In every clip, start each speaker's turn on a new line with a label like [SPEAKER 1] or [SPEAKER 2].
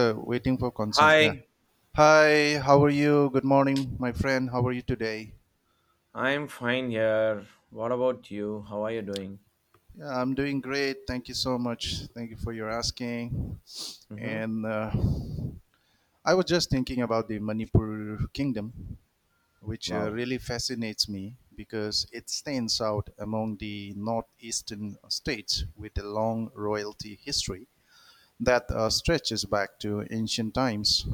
[SPEAKER 1] Waiting for consent. Yeah.
[SPEAKER 2] Hi,
[SPEAKER 1] Hi, how are you? Good morning, my friend. How are you today?
[SPEAKER 2] I'm fine here. What about you? How are you doing?
[SPEAKER 1] Yeah, I'm doing great. Thank you so much. Thank you for your asking.
[SPEAKER 2] Mm-hmm.
[SPEAKER 1] And I was just thinking about the Manipur kingdom, which
[SPEAKER 2] Wow.
[SPEAKER 1] really fascinates me because it stands out among the northeastern states with a long royalty history that stretches back to ancient times.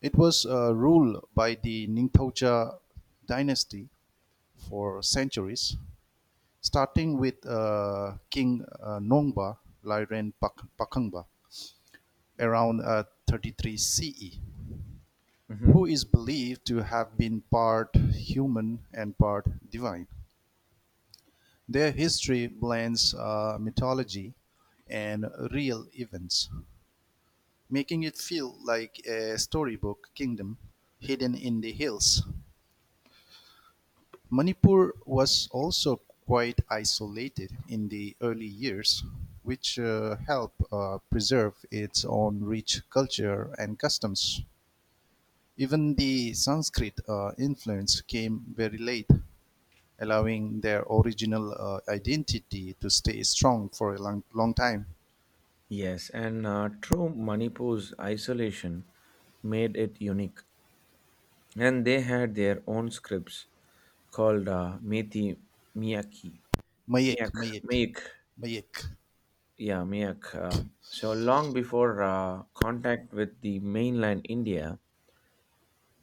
[SPEAKER 1] It was ruled by the Ningthauja dynasty for centuries, starting with King Nongba Lairen Pakangba around 33 CE,
[SPEAKER 2] Mm-hmm.
[SPEAKER 1] who is believed to have been part human and part divine. Their history blends mythology and real events, making it feel like a storybook kingdom hidden in the hills. Manipur was also quite isolated in the early years, which helped preserve its own rich culture and customs. Even the Sanskrit influence came very late, allowing their original identity to stay strong for a long, long time.
[SPEAKER 2] Yes, and true Manipur's isolation made it unique. And they had their own scripts called Methi Miyaki.
[SPEAKER 1] Mayek,
[SPEAKER 2] Miyak,
[SPEAKER 1] Mayek.
[SPEAKER 2] Miyak,
[SPEAKER 1] Mayek.
[SPEAKER 2] yeah, Miyak. So long before contact with the mainland India,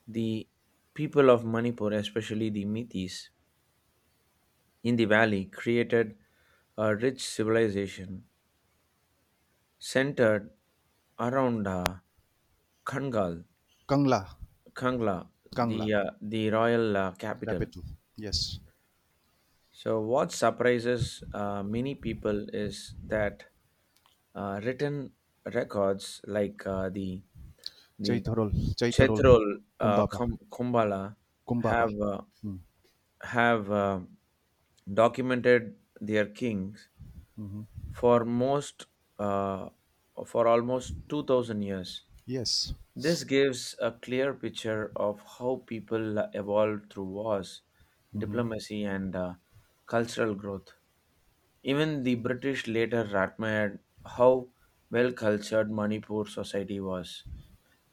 [SPEAKER 2] the people of Manipur, especially the Mithis in the valley, created a rich civilization centered around Kangal,
[SPEAKER 1] Kangla.
[SPEAKER 2] Kangla,
[SPEAKER 1] Kangla.
[SPEAKER 2] the royal capital.
[SPEAKER 1] Capital, yes.
[SPEAKER 2] So, what surprises many people is that written records like the
[SPEAKER 1] Chaitarol. Chaitarol.
[SPEAKER 2] Chetrol
[SPEAKER 1] Kumbaba.
[SPEAKER 2] Kumbala
[SPEAKER 1] Kumbaba.
[SPEAKER 2] have uh,
[SPEAKER 1] Mm.
[SPEAKER 2] have documented their kings
[SPEAKER 1] Mhm.
[SPEAKER 2] for most uh, for almost 2,000 years.
[SPEAKER 1] Yes.
[SPEAKER 2] This gives a clear picture of how people evolved through wars,
[SPEAKER 1] Hmm.
[SPEAKER 2] diplomacy, and cultural growth. Even the British later admired how well cultured Manipur society was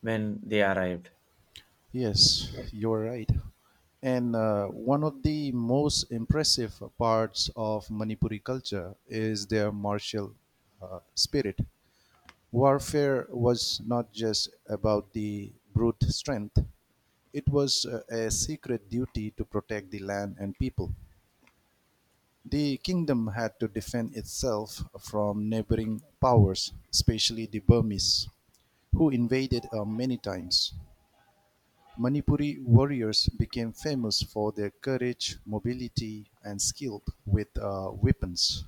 [SPEAKER 2] when they arrived.
[SPEAKER 1] Yes, you're right. And one of the most impressive parts of Manipuri culture is their martial spirit. Warfare was not just about the brute strength, it was a secret duty to protect the land and people. The kingdom had to defend itself from neighboring powers, especially the Burmese, who invaded many times. Manipuri warriors became famous for their courage, mobility and skill with weapons.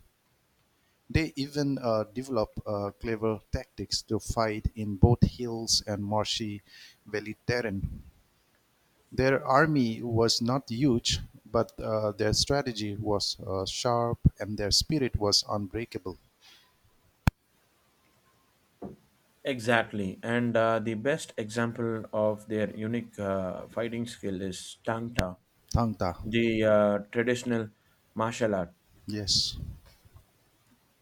[SPEAKER 1] They even developed clever tactics to fight in both hills and marshy valley terrain. Their army was not huge, but their strategy was sharp and their spirit was unbreakable.
[SPEAKER 2] Exactly, and the best example of their unique fighting skill is Tang Ta,
[SPEAKER 1] Tangta.
[SPEAKER 2] the traditional martial art.
[SPEAKER 1] Yes.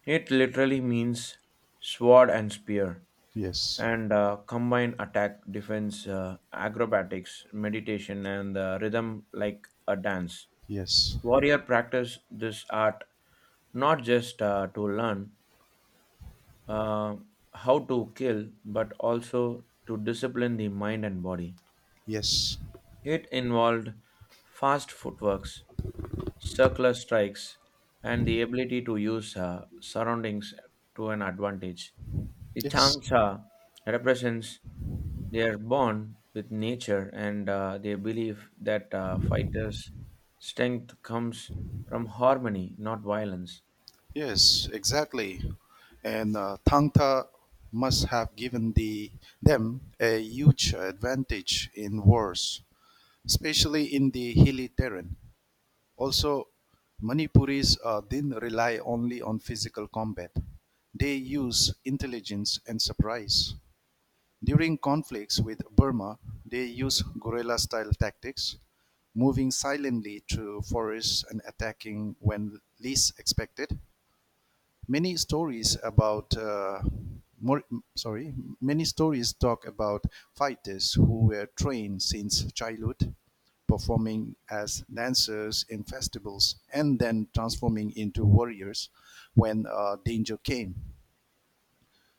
[SPEAKER 2] It literally means sword and spear
[SPEAKER 1] Yes.
[SPEAKER 2] and combine attack, defense, acrobatics, meditation, and rhythm like a dance.
[SPEAKER 1] Yes.
[SPEAKER 2] Warrior practice this art not just to learn uh, how to kill, but also to discipline the mind and body.
[SPEAKER 1] Yes.
[SPEAKER 2] It involved fast footworks, circular strikes, and the ability to use surroundings to an advantage. The
[SPEAKER 1] Yes.
[SPEAKER 2] Changsha represents. They are born with nature, and they believe that fighters' strength comes from harmony, not violence.
[SPEAKER 1] Yes, exactly. And Tangta must have given them a huge advantage in wars, especially in the hilly terrain. Also, Manipuris didn't rely only on physical combat, they use intelligence and surprise. During conflicts with Burma, they use guerrilla style tactics, moving silently through forests and attacking when least expected. Many stories about more, sorry, many stories talk about fighters who were trained since childhood, performing as dancers in festivals and then transforming into warriors when danger came.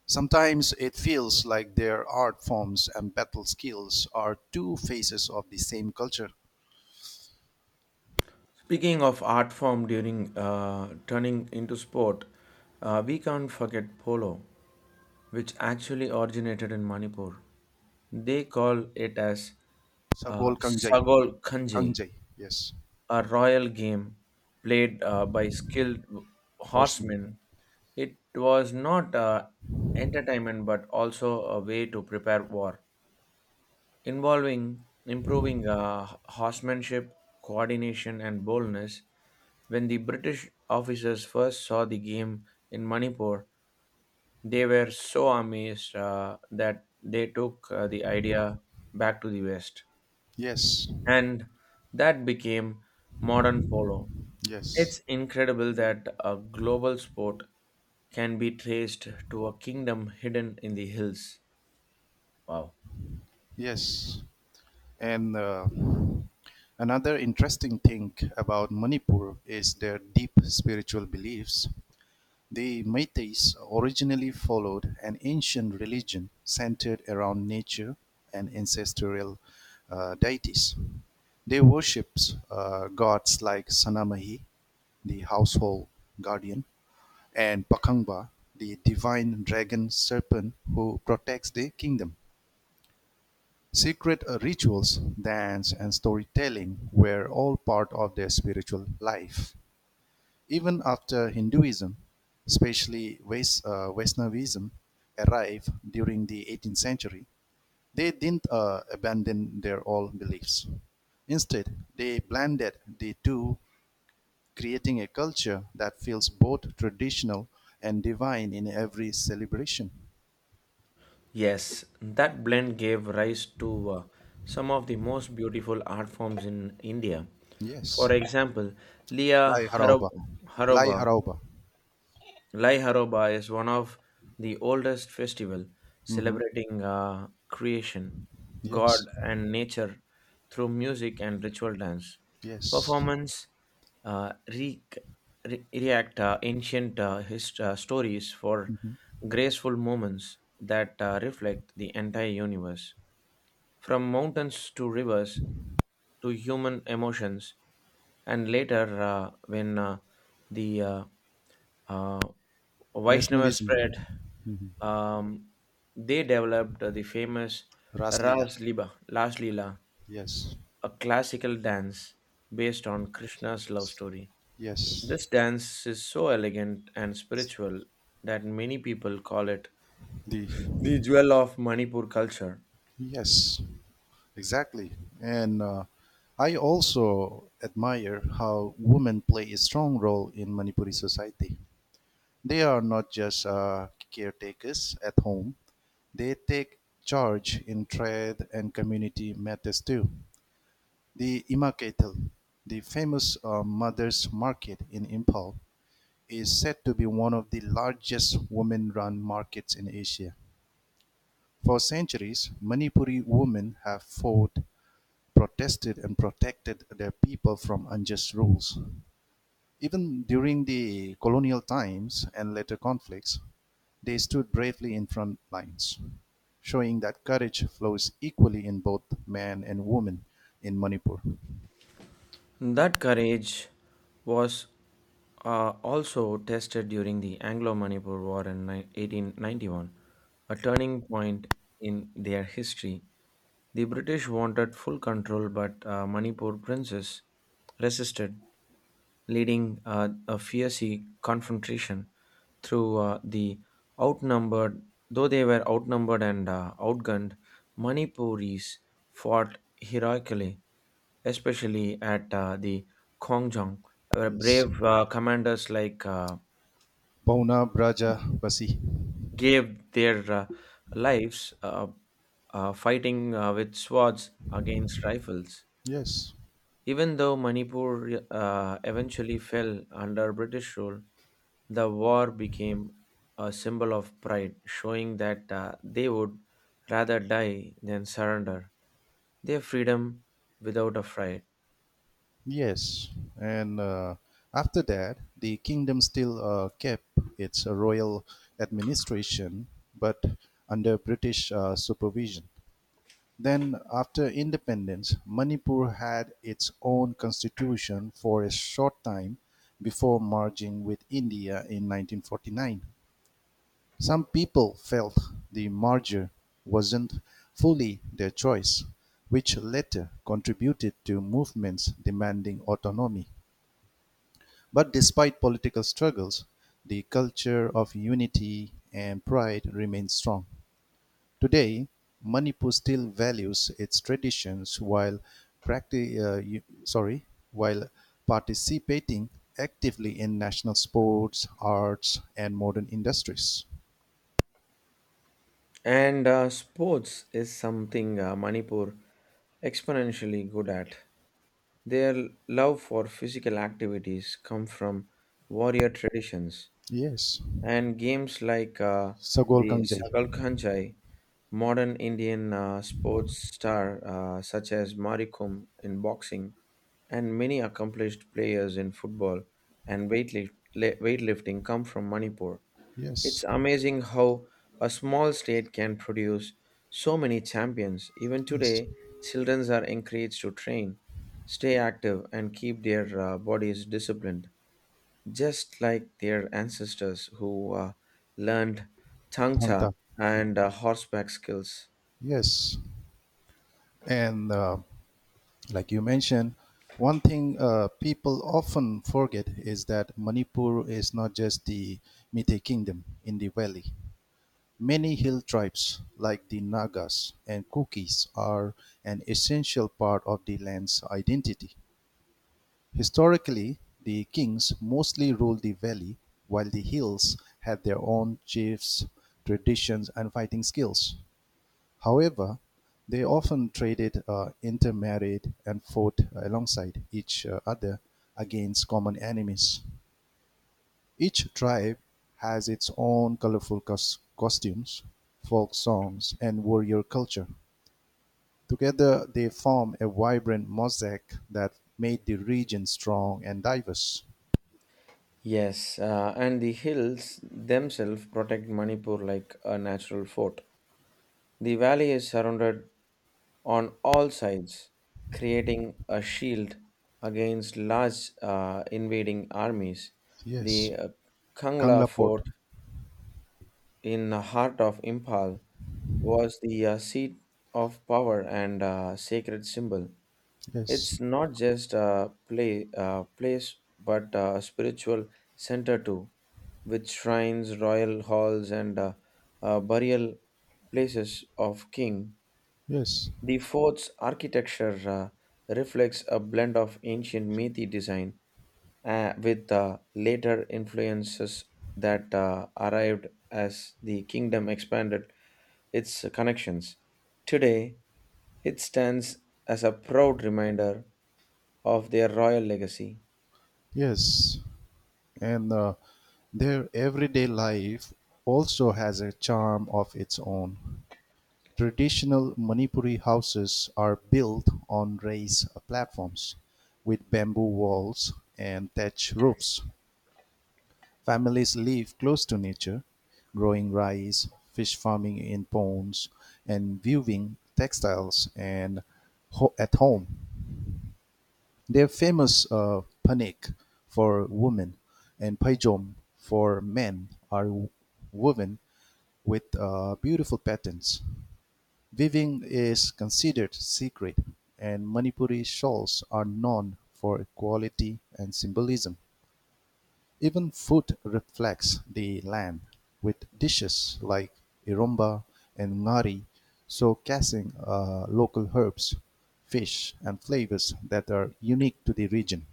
[SPEAKER 1] Sometimes it feels like their art forms and battle skills are two faces of the same culture.
[SPEAKER 2] Speaking of art form during turning into sport, we can't forget polo, which actually originated in Manipur. They call it as
[SPEAKER 1] Sagol
[SPEAKER 2] uh,
[SPEAKER 1] kangjai.
[SPEAKER 2] Sagol Kanje,
[SPEAKER 1] Kangjai. Yes.
[SPEAKER 2] a royal game played by skilled
[SPEAKER 1] Horsemen.
[SPEAKER 2] horsemen. It was not entertainment but also a way to prepare war, involving improving horsemanship, coordination, and boldness. When the British officers first saw the game in Manipur, they were so amazed that they took the idea back to the West.
[SPEAKER 1] Yes.
[SPEAKER 2] And that became modern polo.
[SPEAKER 1] Yes.
[SPEAKER 2] It's incredible that a global sport can be traced to a kingdom hidden in the hills. Wow.
[SPEAKER 1] Yes. And another interesting thing about Manipur is their deep spiritual beliefs. The Métis originally followed an ancient religion centered around nature and ancestral deities. They worshipped gods like Sanamahi, the household guardian, and Pakangba, the divine dragon serpent who protects the kingdom. Secret rituals, dance, and storytelling were all part of their spiritual life. Even after Hinduism, especially Vaishnavism, arrived during the 18th century, they didn't abandon their old beliefs. Instead, they blended the two, creating a culture that feels both traditional and divine in every celebration.
[SPEAKER 2] Yes, that blend gave rise to some of the most beautiful art forms in India.
[SPEAKER 1] Yes.
[SPEAKER 2] For example, Liya
[SPEAKER 1] Lai Harauba. Lai
[SPEAKER 2] Haroba
[SPEAKER 1] Harauba.
[SPEAKER 2] Lai Haroba is one of the oldest festival
[SPEAKER 1] Hmm.
[SPEAKER 2] celebrating creation, God
[SPEAKER 1] Yes.
[SPEAKER 2] and nature through music and ritual dance.
[SPEAKER 1] Yes.
[SPEAKER 2] Performance uh, re- react ancient stories for
[SPEAKER 1] Mhm.
[SPEAKER 2] graceful moments that reflect the entire universe. From mountains to rivers to human emotions, and later when the uh, Vaishnava
[SPEAKER 1] Vaishnavism.
[SPEAKER 2] spread,
[SPEAKER 1] Mhm.
[SPEAKER 2] um, they developed the famous
[SPEAKER 1] Raslila.
[SPEAKER 2] Ras Lila,
[SPEAKER 1] Yes.
[SPEAKER 2] a classical dance based on Krishna's love story.
[SPEAKER 1] Yes.
[SPEAKER 2] This dance is so elegant and spiritual that many people call it
[SPEAKER 1] The.
[SPEAKER 2] the jewel of Manipur culture.
[SPEAKER 1] Yes. Exactly. And I also admire how women play a strong role in Manipuri society. They are not just caretakers at home. They take charge in trade and community matters too. The Imaketal, the famous mother's market in Impal, is said to be one of the largest women-run markets in Asia. For centuries, Manipuri women have fought, protested and protected their people from unjust rules. Even during the colonial times and later conflicts, they stood bravely in front lines, showing that courage flows equally in both men and women in Manipur.
[SPEAKER 2] That courage was also tested during the Anglo Manipur War in 1891, a turning point in their history. The British wanted full control, but Manipur princes resisted, leading a fierce confrontation through uh, the outnumbered, though they were outnumbered and outgunned. Manipuris fought heroically, especially at the Kongjong, where
[SPEAKER 1] Yes.
[SPEAKER 2] brave commanders like
[SPEAKER 1] Pauna Braja Basi.
[SPEAKER 2] gave their lives fighting with swords against rifles.
[SPEAKER 1] Yes.
[SPEAKER 2] Even though Manipur eventually fell under British rule, the war became a symbol of pride, showing that they would rather die than surrender their freedom without a fight.
[SPEAKER 1] Yes, and after that, the kingdom still kept its royal administration, but under British supervision. Then, after independence, Manipur had its own constitution for a short time before merging with India in 1949. Some people felt the merger wasn't fully their choice, which later contributed to movements demanding autonomy. But despite political struggles, the culture of unity and pride remains strong. Today, Manipur still values its traditions while sorry, while participating actively in national sports, arts, and modern industries.
[SPEAKER 2] And sports is something Manipur exponentially good at. Their love for physical activities come from warrior traditions
[SPEAKER 1] Yes,
[SPEAKER 2] and games like
[SPEAKER 1] Sagol
[SPEAKER 2] the
[SPEAKER 1] Kangjai.
[SPEAKER 2] Sakal Khanjai, modern Indian sports star such as Marikum in boxing, and many accomplished players in football and weightlifting come from Manipur. It's
[SPEAKER 1] Yes.
[SPEAKER 2] amazing how a small state can produce so many champions. Even
[SPEAKER 1] Yes,
[SPEAKER 2] today, children are encouraged to train, stay active, and keep their bodies disciplined just like their ancestors who learned tangta
[SPEAKER 1] Thanta.
[SPEAKER 2] and horseback skills.
[SPEAKER 1] Yes, and like you mentioned, one thing people often forget is that Manipur is not just the Meitei kingdom in the valley. Many hill tribes, like the Nagas and Kukis, are an essential part of the land's identity. Historically, the kings mostly ruled the valley, while the hills had their own chiefs, traditions, and fighting skills. However, they often traded, intermarried, and fought alongside each other against common enemies. Each tribe has its own colorful costumes, folk songs, and warrior culture. Together, they form a vibrant mosaic that made the region strong and diverse.
[SPEAKER 2] Yes, and the hills themselves protect Manipur like a natural fort. The valley is surrounded on all sides, creating a shield against large invading armies.
[SPEAKER 1] Yes,
[SPEAKER 2] The Kangla
[SPEAKER 1] Kangla Port.
[SPEAKER 2] fort in the heart of Impal was the seat of power and sacred symbol.
[SPEAKER 1] Yes.
[SPEAKER 2] It's not just a place, but a spiritual center too, with shrines, royal halls, and burial places of king.
[SPEAKER 1] Yes.
[SPEAKER 2] The fort's architecture reflects a blend of ancient Methi design with later influences that arrived as the kingdom expanded its connections. Today, it stands as a proud reminder of their royal legacy.
[SPEAKER 1] Yes. And their everyday life also has a charm of its own. Traditional Manipuri houses are built on raised platforms with bamboo walls and thatch roofs. Families live close to nature, growing rice, fish farming in ponds, and weaving textiles and at home. They're famous Panik for women and Paijom for men are woven with beautiful patterns. Weaving is considered sacred and Manipuri shawls are known for quality and symbolism. Even food reflects the land with dishes like iromba and ngari showcasing local herbs, fish and flavors that are unique to the region.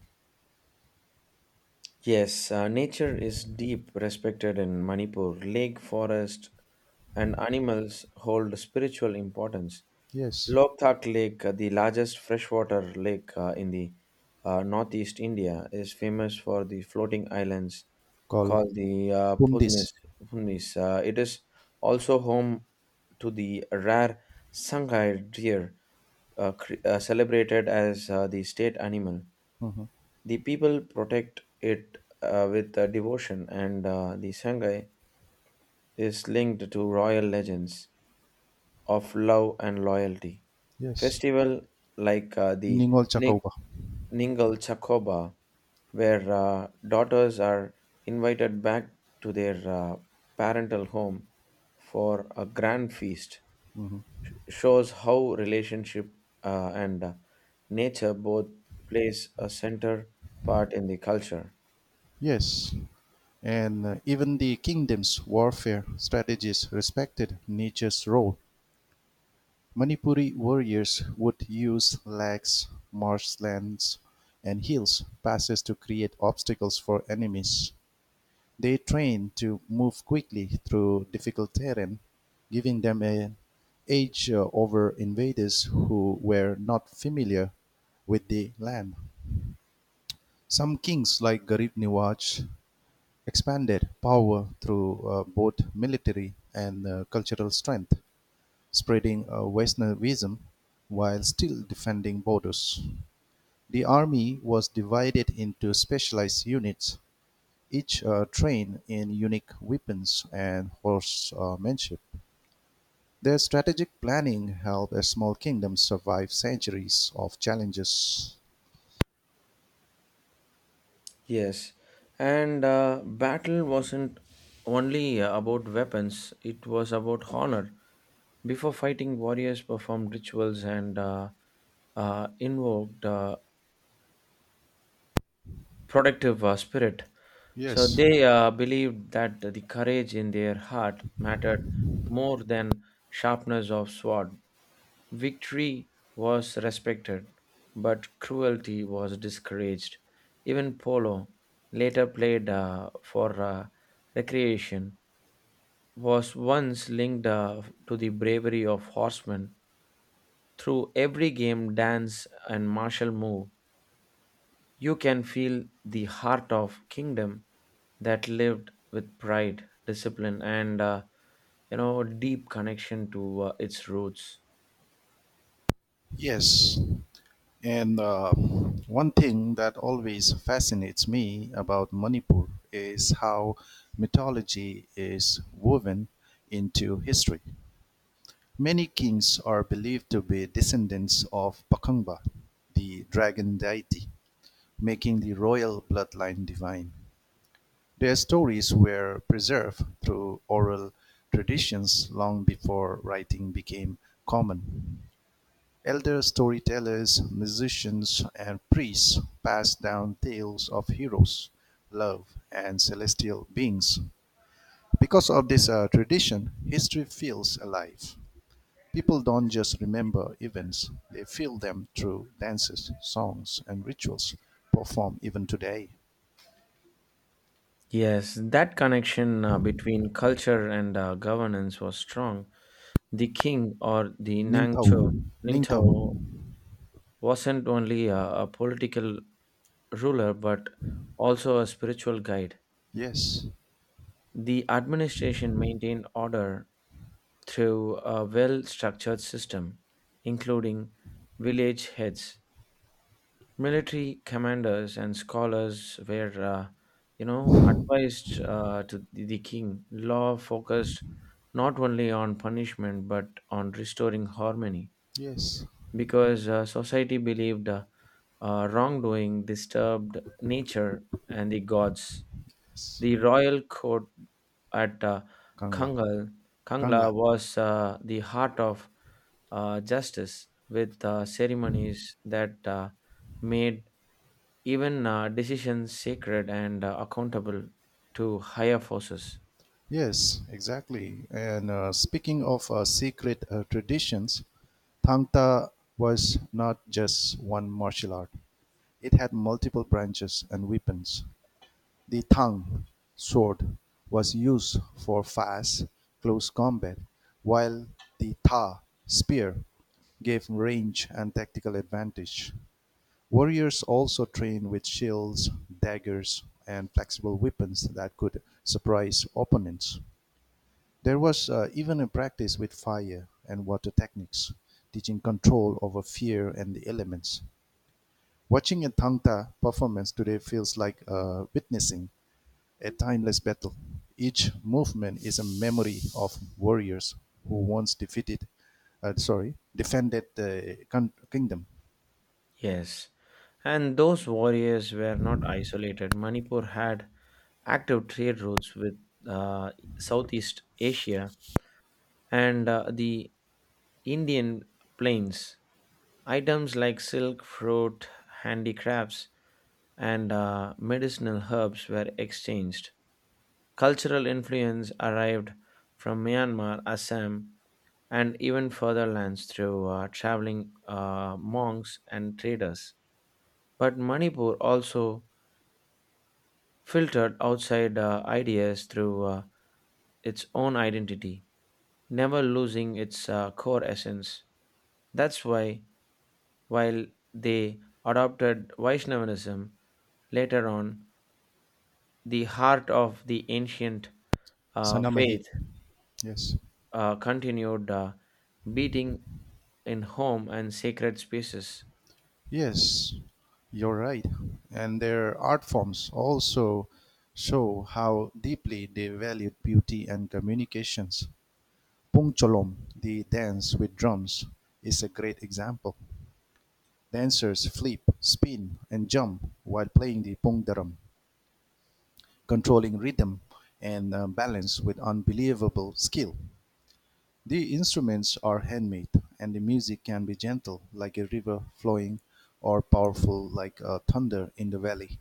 [SPEAKER 2] Yes, nature is deep respected in Manipur. Lake, forest, and animals hold spiritual importance.
[SPEAKER 1] Yes.
[SPEAKER 2] Loktak Lake, the largest freshwater lake in the northeast India, is famous for the floating islands
[SPEAKER 1] Called
[SPEAKER 2] called the Pudmis.
[SPEAKER 1] Pundis.
[SPEAKER 2] Pudmis. It is also home to the rare Sangai deer, celebrated as the state animal.
[SPEAKER 1] Mhm.
[SPEAKER 2] The people protect it with devotion, and the sangai is linked to royal legends of love and loyalty.
[SPEAKER 1] Yes.
[SPEAKER 2] Festival like the
[SPEAKER 1] Ningol
[SPEAKER 2] Ning-
[SPEAKER 1] Chacoba.
[SPEAKER 2] Ningal Chakoba, where daughters are invited back to their parental home for a grand feast, sh- shows how relationship and nature both plays a center part in the culture.
[SPEAKER 1] Yes. And even the kingdom's warfare strategies respected nature's role. Manipuri warriors would use lakes, marshlands, and hills passes to create obstacles for enemies. They trained to move quickly through difficult terrain, giving them an edge over invaders who were not familiar with the land. Some kings, like Garib Niwaj, expanded power through both military and cultural strength, spreading Vaishnavism while still defending borders. The army was divided into specialized units, each trained in unique weapons and horsemanship. Their strategic planning helped a small kingdom survive centuries of challenges.
[SPEAKER 2] Yes, and battle wasn't only about weapons, it was about honor. Before fighting, warriors performed rituals and invoked protective spirit. So
[SPEAKER 1] Yes.
[SPEAKER 2] they believed that the courage in their heart mattered more than sharpness of sword. Victory was respected, but cruelty was discouraged. Even polo, later played for recreation, was once linked to the bravery of horsemen. Through every game, dance, and martial move, you can feel the heart of kingdom that lived with pride, discipline, and deep connection to its roots.
[SPEAKER 1] Yes. And one thing that always fascinates me about Manipur is how mythology is woven into history. Many kings are believed to be descendants of Pakangba, the dragon deity, making the royal bloodline divine. Their stories were preserved through oral traditions long before writing became common. Elder storytellers, musicians, and priests pass down tales of heroes, love, and celestial beings. Because of this tradition, history feels alive. People don't just remember events, they feel them through dances, songs, and rituals performed even today.
[SPEAKER 2] Yes, that connection between culture and governance was strong. The king or the
[SPEAKER 1] Ningtao. Ningtao.
[SPEAKER 2] Ningto wasn't only a political ruler but also a spiritual guide.
[SPEAKER 1] Yes.
[SPEAKER 2] The administration maintained order through a well structured system, including village heads military commanders and scholars were advised to the king law focused not only on punishment but on restoring harmony
[SPEAKER 1] Yes.
[SPEAKER 2] because society believed wrongdoing disturbed nature and the gods.
[SPEAKER 1] Yes.
[SPEAKER 2] The royal court at
[SPEAKER 1] Kangla.
[SPEAKER 2] kangal kangla
[SPEAKER 1] Kangla.
[SPEAKER 2] was the heart of justice with ceremonies that made even decisions sacred and accountable to higher forces.
[SPEAKER 1] Yes, exactly. And speaking of secret traditions, Thang Ta was not just one martial art. It had multiple branches and weapons. The Thang sword was used for fast, close combat, while the Ta spear gave range and tactical advantage. Warriors also trained with shields, daggers, and flexible weapons that could surprise opponents. There was even a practice with fire and water techniques, teaching control over fear and the elements. Watching a Tangta performance today feels like witnessing a timeless battle. Each movement is a memory of warriors who once defeated, sorry, defended the kingdom.
[SPEAKER 2] Yes, and those warriors were not isolated. Manipur had active trade routes with uh, Southeast Asia and the Indian plains. Items like silk, fruit, handicrafts, and medicinal herbs were exchanged. Cultural influence arrived from Myanmar, Assam, and even further lands through traveling monks and traders. But Manipur also filtered outside ideas through its own identity, never losing its core essence. That's why, while they adopted Vaishnavism later on, the heart of the ancient
[SPEAKER 1] Sanamahi.
[SPEAKER 2] faith
[SPEAKER 1] Yes.
[SPEAKER 2] continued beating in home and sacred spaces.
[SPEAKER 1] Yes, you're right. And their art forms also show how deeply they valued beauty and communications. Pungcholom, the dance with drums, is a great example. Dancers flip, spin, and jump while playing the pungdaram, controlling rhythm and balance with unbelievable skill. The instruments are handmade, and the music can be gentle like a river flowing or powerful like thunder in the valley.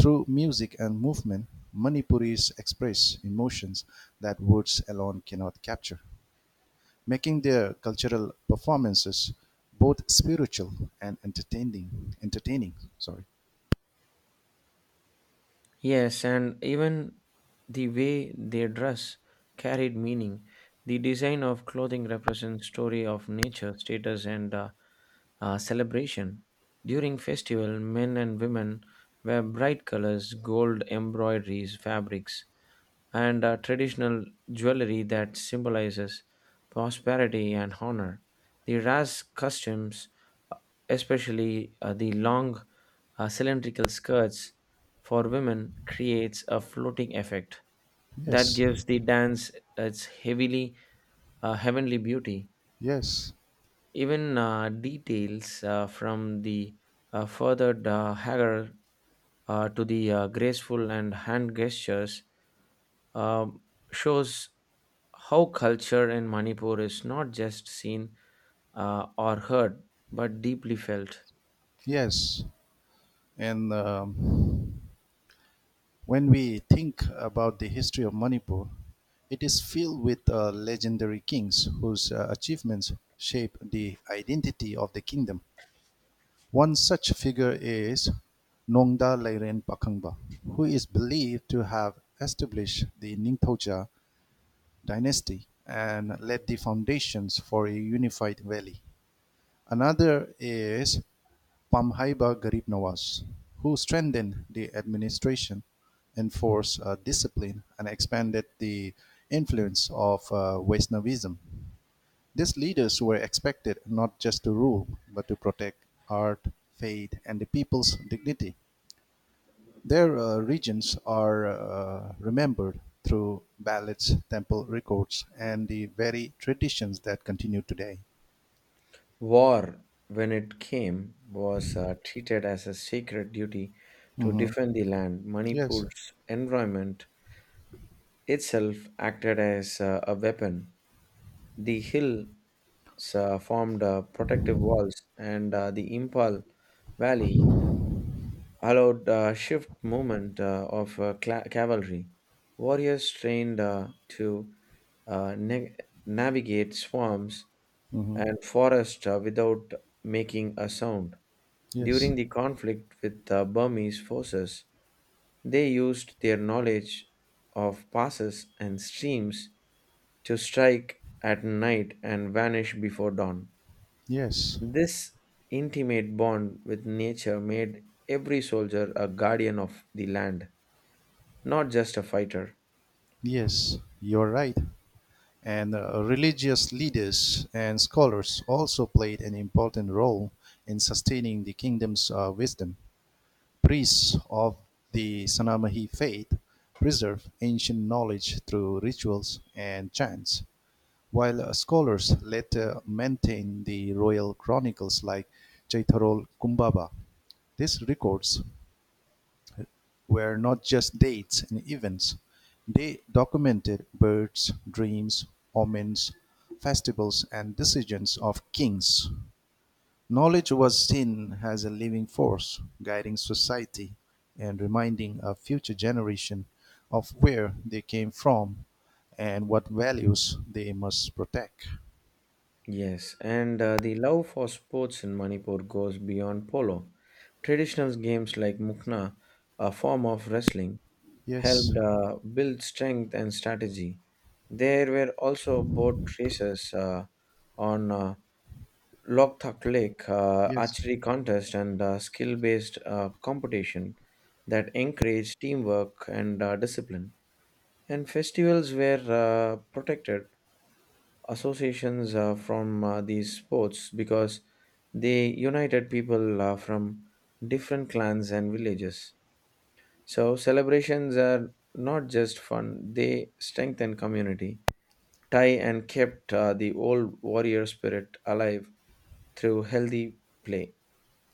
[SPEAKER 1] Through music and movement, Manipuris express emotions that words alone cannot capture, making their cultural performances both spiritual and entertaining. Entertaining, sorry.
[SPEAKER 2] Yes, and even the way they dress carried meaning. The design of clothing represents story of nature, status, and celebration. During festival, men and women wear bright colors, gold embroideries, fabrics, and traditional jewelry that symbolizes prosperity and honor. The Ras customs especially the long cylindrical skirts for women creates a floating effect that
[SPEAKER 1] Yes.
[SPEAKER 2] gives the dance its heavily heavenly beauty.
[SPEAKER 1] Yes.
[SPEAKER 2] Even details from the furthered hagar to the graceful and hand gestures um, shows how culture in manipur is not just seen or heard but deeply felt.
[SPEAKER 1] Yes. And when we think about the history of Manipur, it is filled with legendary kings whose achievements shape the identity of the kingdom. One such figure is Nongda Leren Pakhangba, who is believed to have established the Ningpoja dynasty and laid the foundations for a unified valley. Another is Pamhaiba Garib Nawaz, who strengthened the administration, enforced discipline, and expanded the influence of Vaishnavism. These leaders were expected not just to rule, but to protect art, faith, and the people's dignity. Their regions are remembered through ballads, temple records, and the very traditions that continue today.
[SPEAKER 2] War, when it came, was treated as a sacred duty to
[SPEAKER 1] Hmm.
[SPEAKER 2] defend the land.
[SPEAKER 1] Yes.
[SPEAKER 2] Manipur's environment itself acted as a weapon. The hills formed protective walls, and the Impal Valley allowed shift movement of cla cavalry. Warriors trained to uh, na- navigate swamps
[SPEAKER 1] Hmm.
[SPEAKER 2] and forests without making a sound.
[SPEAKER 1] Yes.
[SPEAKER 2] During the conflict with the Burmese forces, they used their knowledge of passes and streams to strike at night and vanish before dawn.
[SPEAKER 1] Yes.
[SPEAKER 2] This intimate bond with nature made every soldier a guardian of the land, not just a fighter.
[SPEAKER 1] Yes. You're right. And religious leaders and scholars also played an important role in sustaining the kingdom's wisdom. Priests of the Sanamahi faith preserve ancient knowledge through rituals and chants, while scholars later maintain the royal chronicles like Chaitharol Kumbhaba. These records were not just dates and events, they documented births, dreams, omens, festivals, and decisions of kings. Knowledge was seen as a living force, guiding society and reminding a future generation of where they came from and what values they must protect.
[SPEAKER 2] Yes, and the love for sports in Manipur goes beyond polo. Traditional games like mukna, a form of wrestling,
[SPEAKER 1] Yes.
[SPEAKER 2] helped build strength and strategy. There were also boat races on Loktak Lake,
[SPEAKER 1] Yes.
[SPEAKER 2] archery contest, and skill based competition that encouraged teamwork and discipline. And festivals were protected associations from these sports because they united people from different clans and villages. So celebrations are not just fun; they strengthen community, tie, and kept the old warrior spirit alive through healthy play.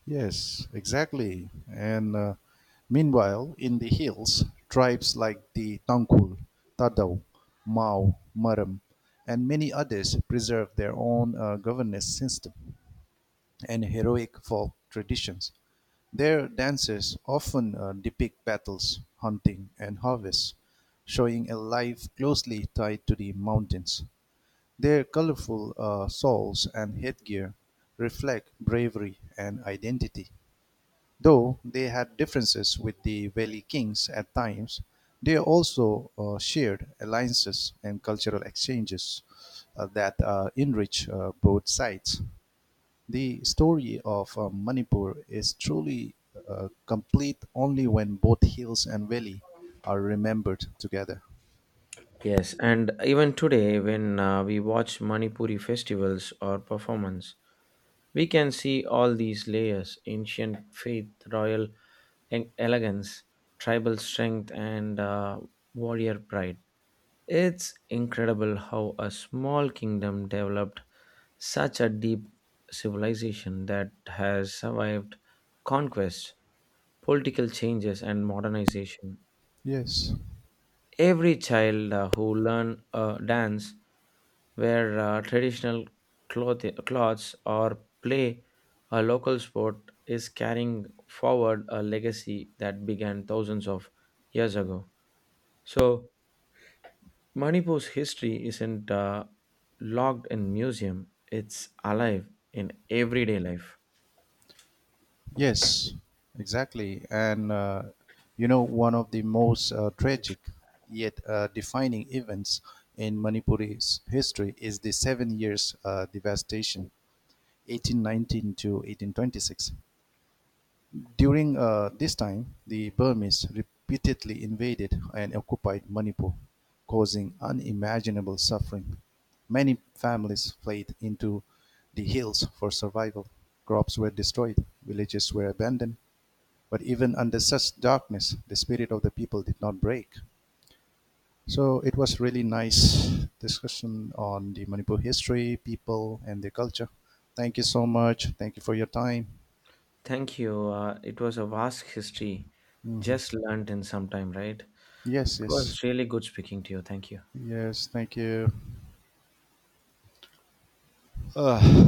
[SPEAKER 1] Yes, exactly. And meanwhile, in the hills, tribes like the Tangkul, Tadau, Mao, Maram, and many others preserve their own governance system and heroic folk traditions. Their dances often depict battles, hunting, and harvests, showing a life closely tied to the mountains. Their colorful shawls and headgear reflect bravery and identity. Though they had differences with the Valley Kings at times, they also shared alliances and cultural exchanges that enrich both sides. The story of Manipur is truly complete only when both hills and valley are remembered together.
[SPEAKER 2] Yes, and even today, when we watch Manipuri festivals or performance, we can see all these layers ancient faith, royal elegance, tribal strength, and warrior pride. It's incredible how a small kingdom developed such a deep civilization that has survived conquest, political changes, and modernization.
[SPEAKER 1] Yes.
[SPEAKER 2] Every child who learn dance wear traditional clothes or play a local sport is carrying forward a legacy that began thousands of years ago. So Manipur's history isn't locked in museum; it's alive in everyday life.
[SPEAKER 1] Yes, exactly. And one of the most tragic yet defining events in Manipuri's history is the 7 years devastation, 1819 to 1826. During this time, the Burmese repeatedly invaded and occupied Manipur, causing unimaginable suffering. Many families fled into the hills for survival. Crops were destroyed, villages were abandoned, but even under such darkness, the spirit of the people did not break. So it was really nice discussion on the Manipur history, people, and the culture. Thank you so much. Thank you for your time.
[SPEAKER 2] Thank you. It was a vast history,
[SPEAKER 1] Mhm.
[SPEAKER 2] just learned in some time, right? It
[SPEAKER 1] Yes, yes.
[SPEAKER 2] was really good speaking to you. Thank you.
[SPEAKER 1] Yes, thank you. Ugh.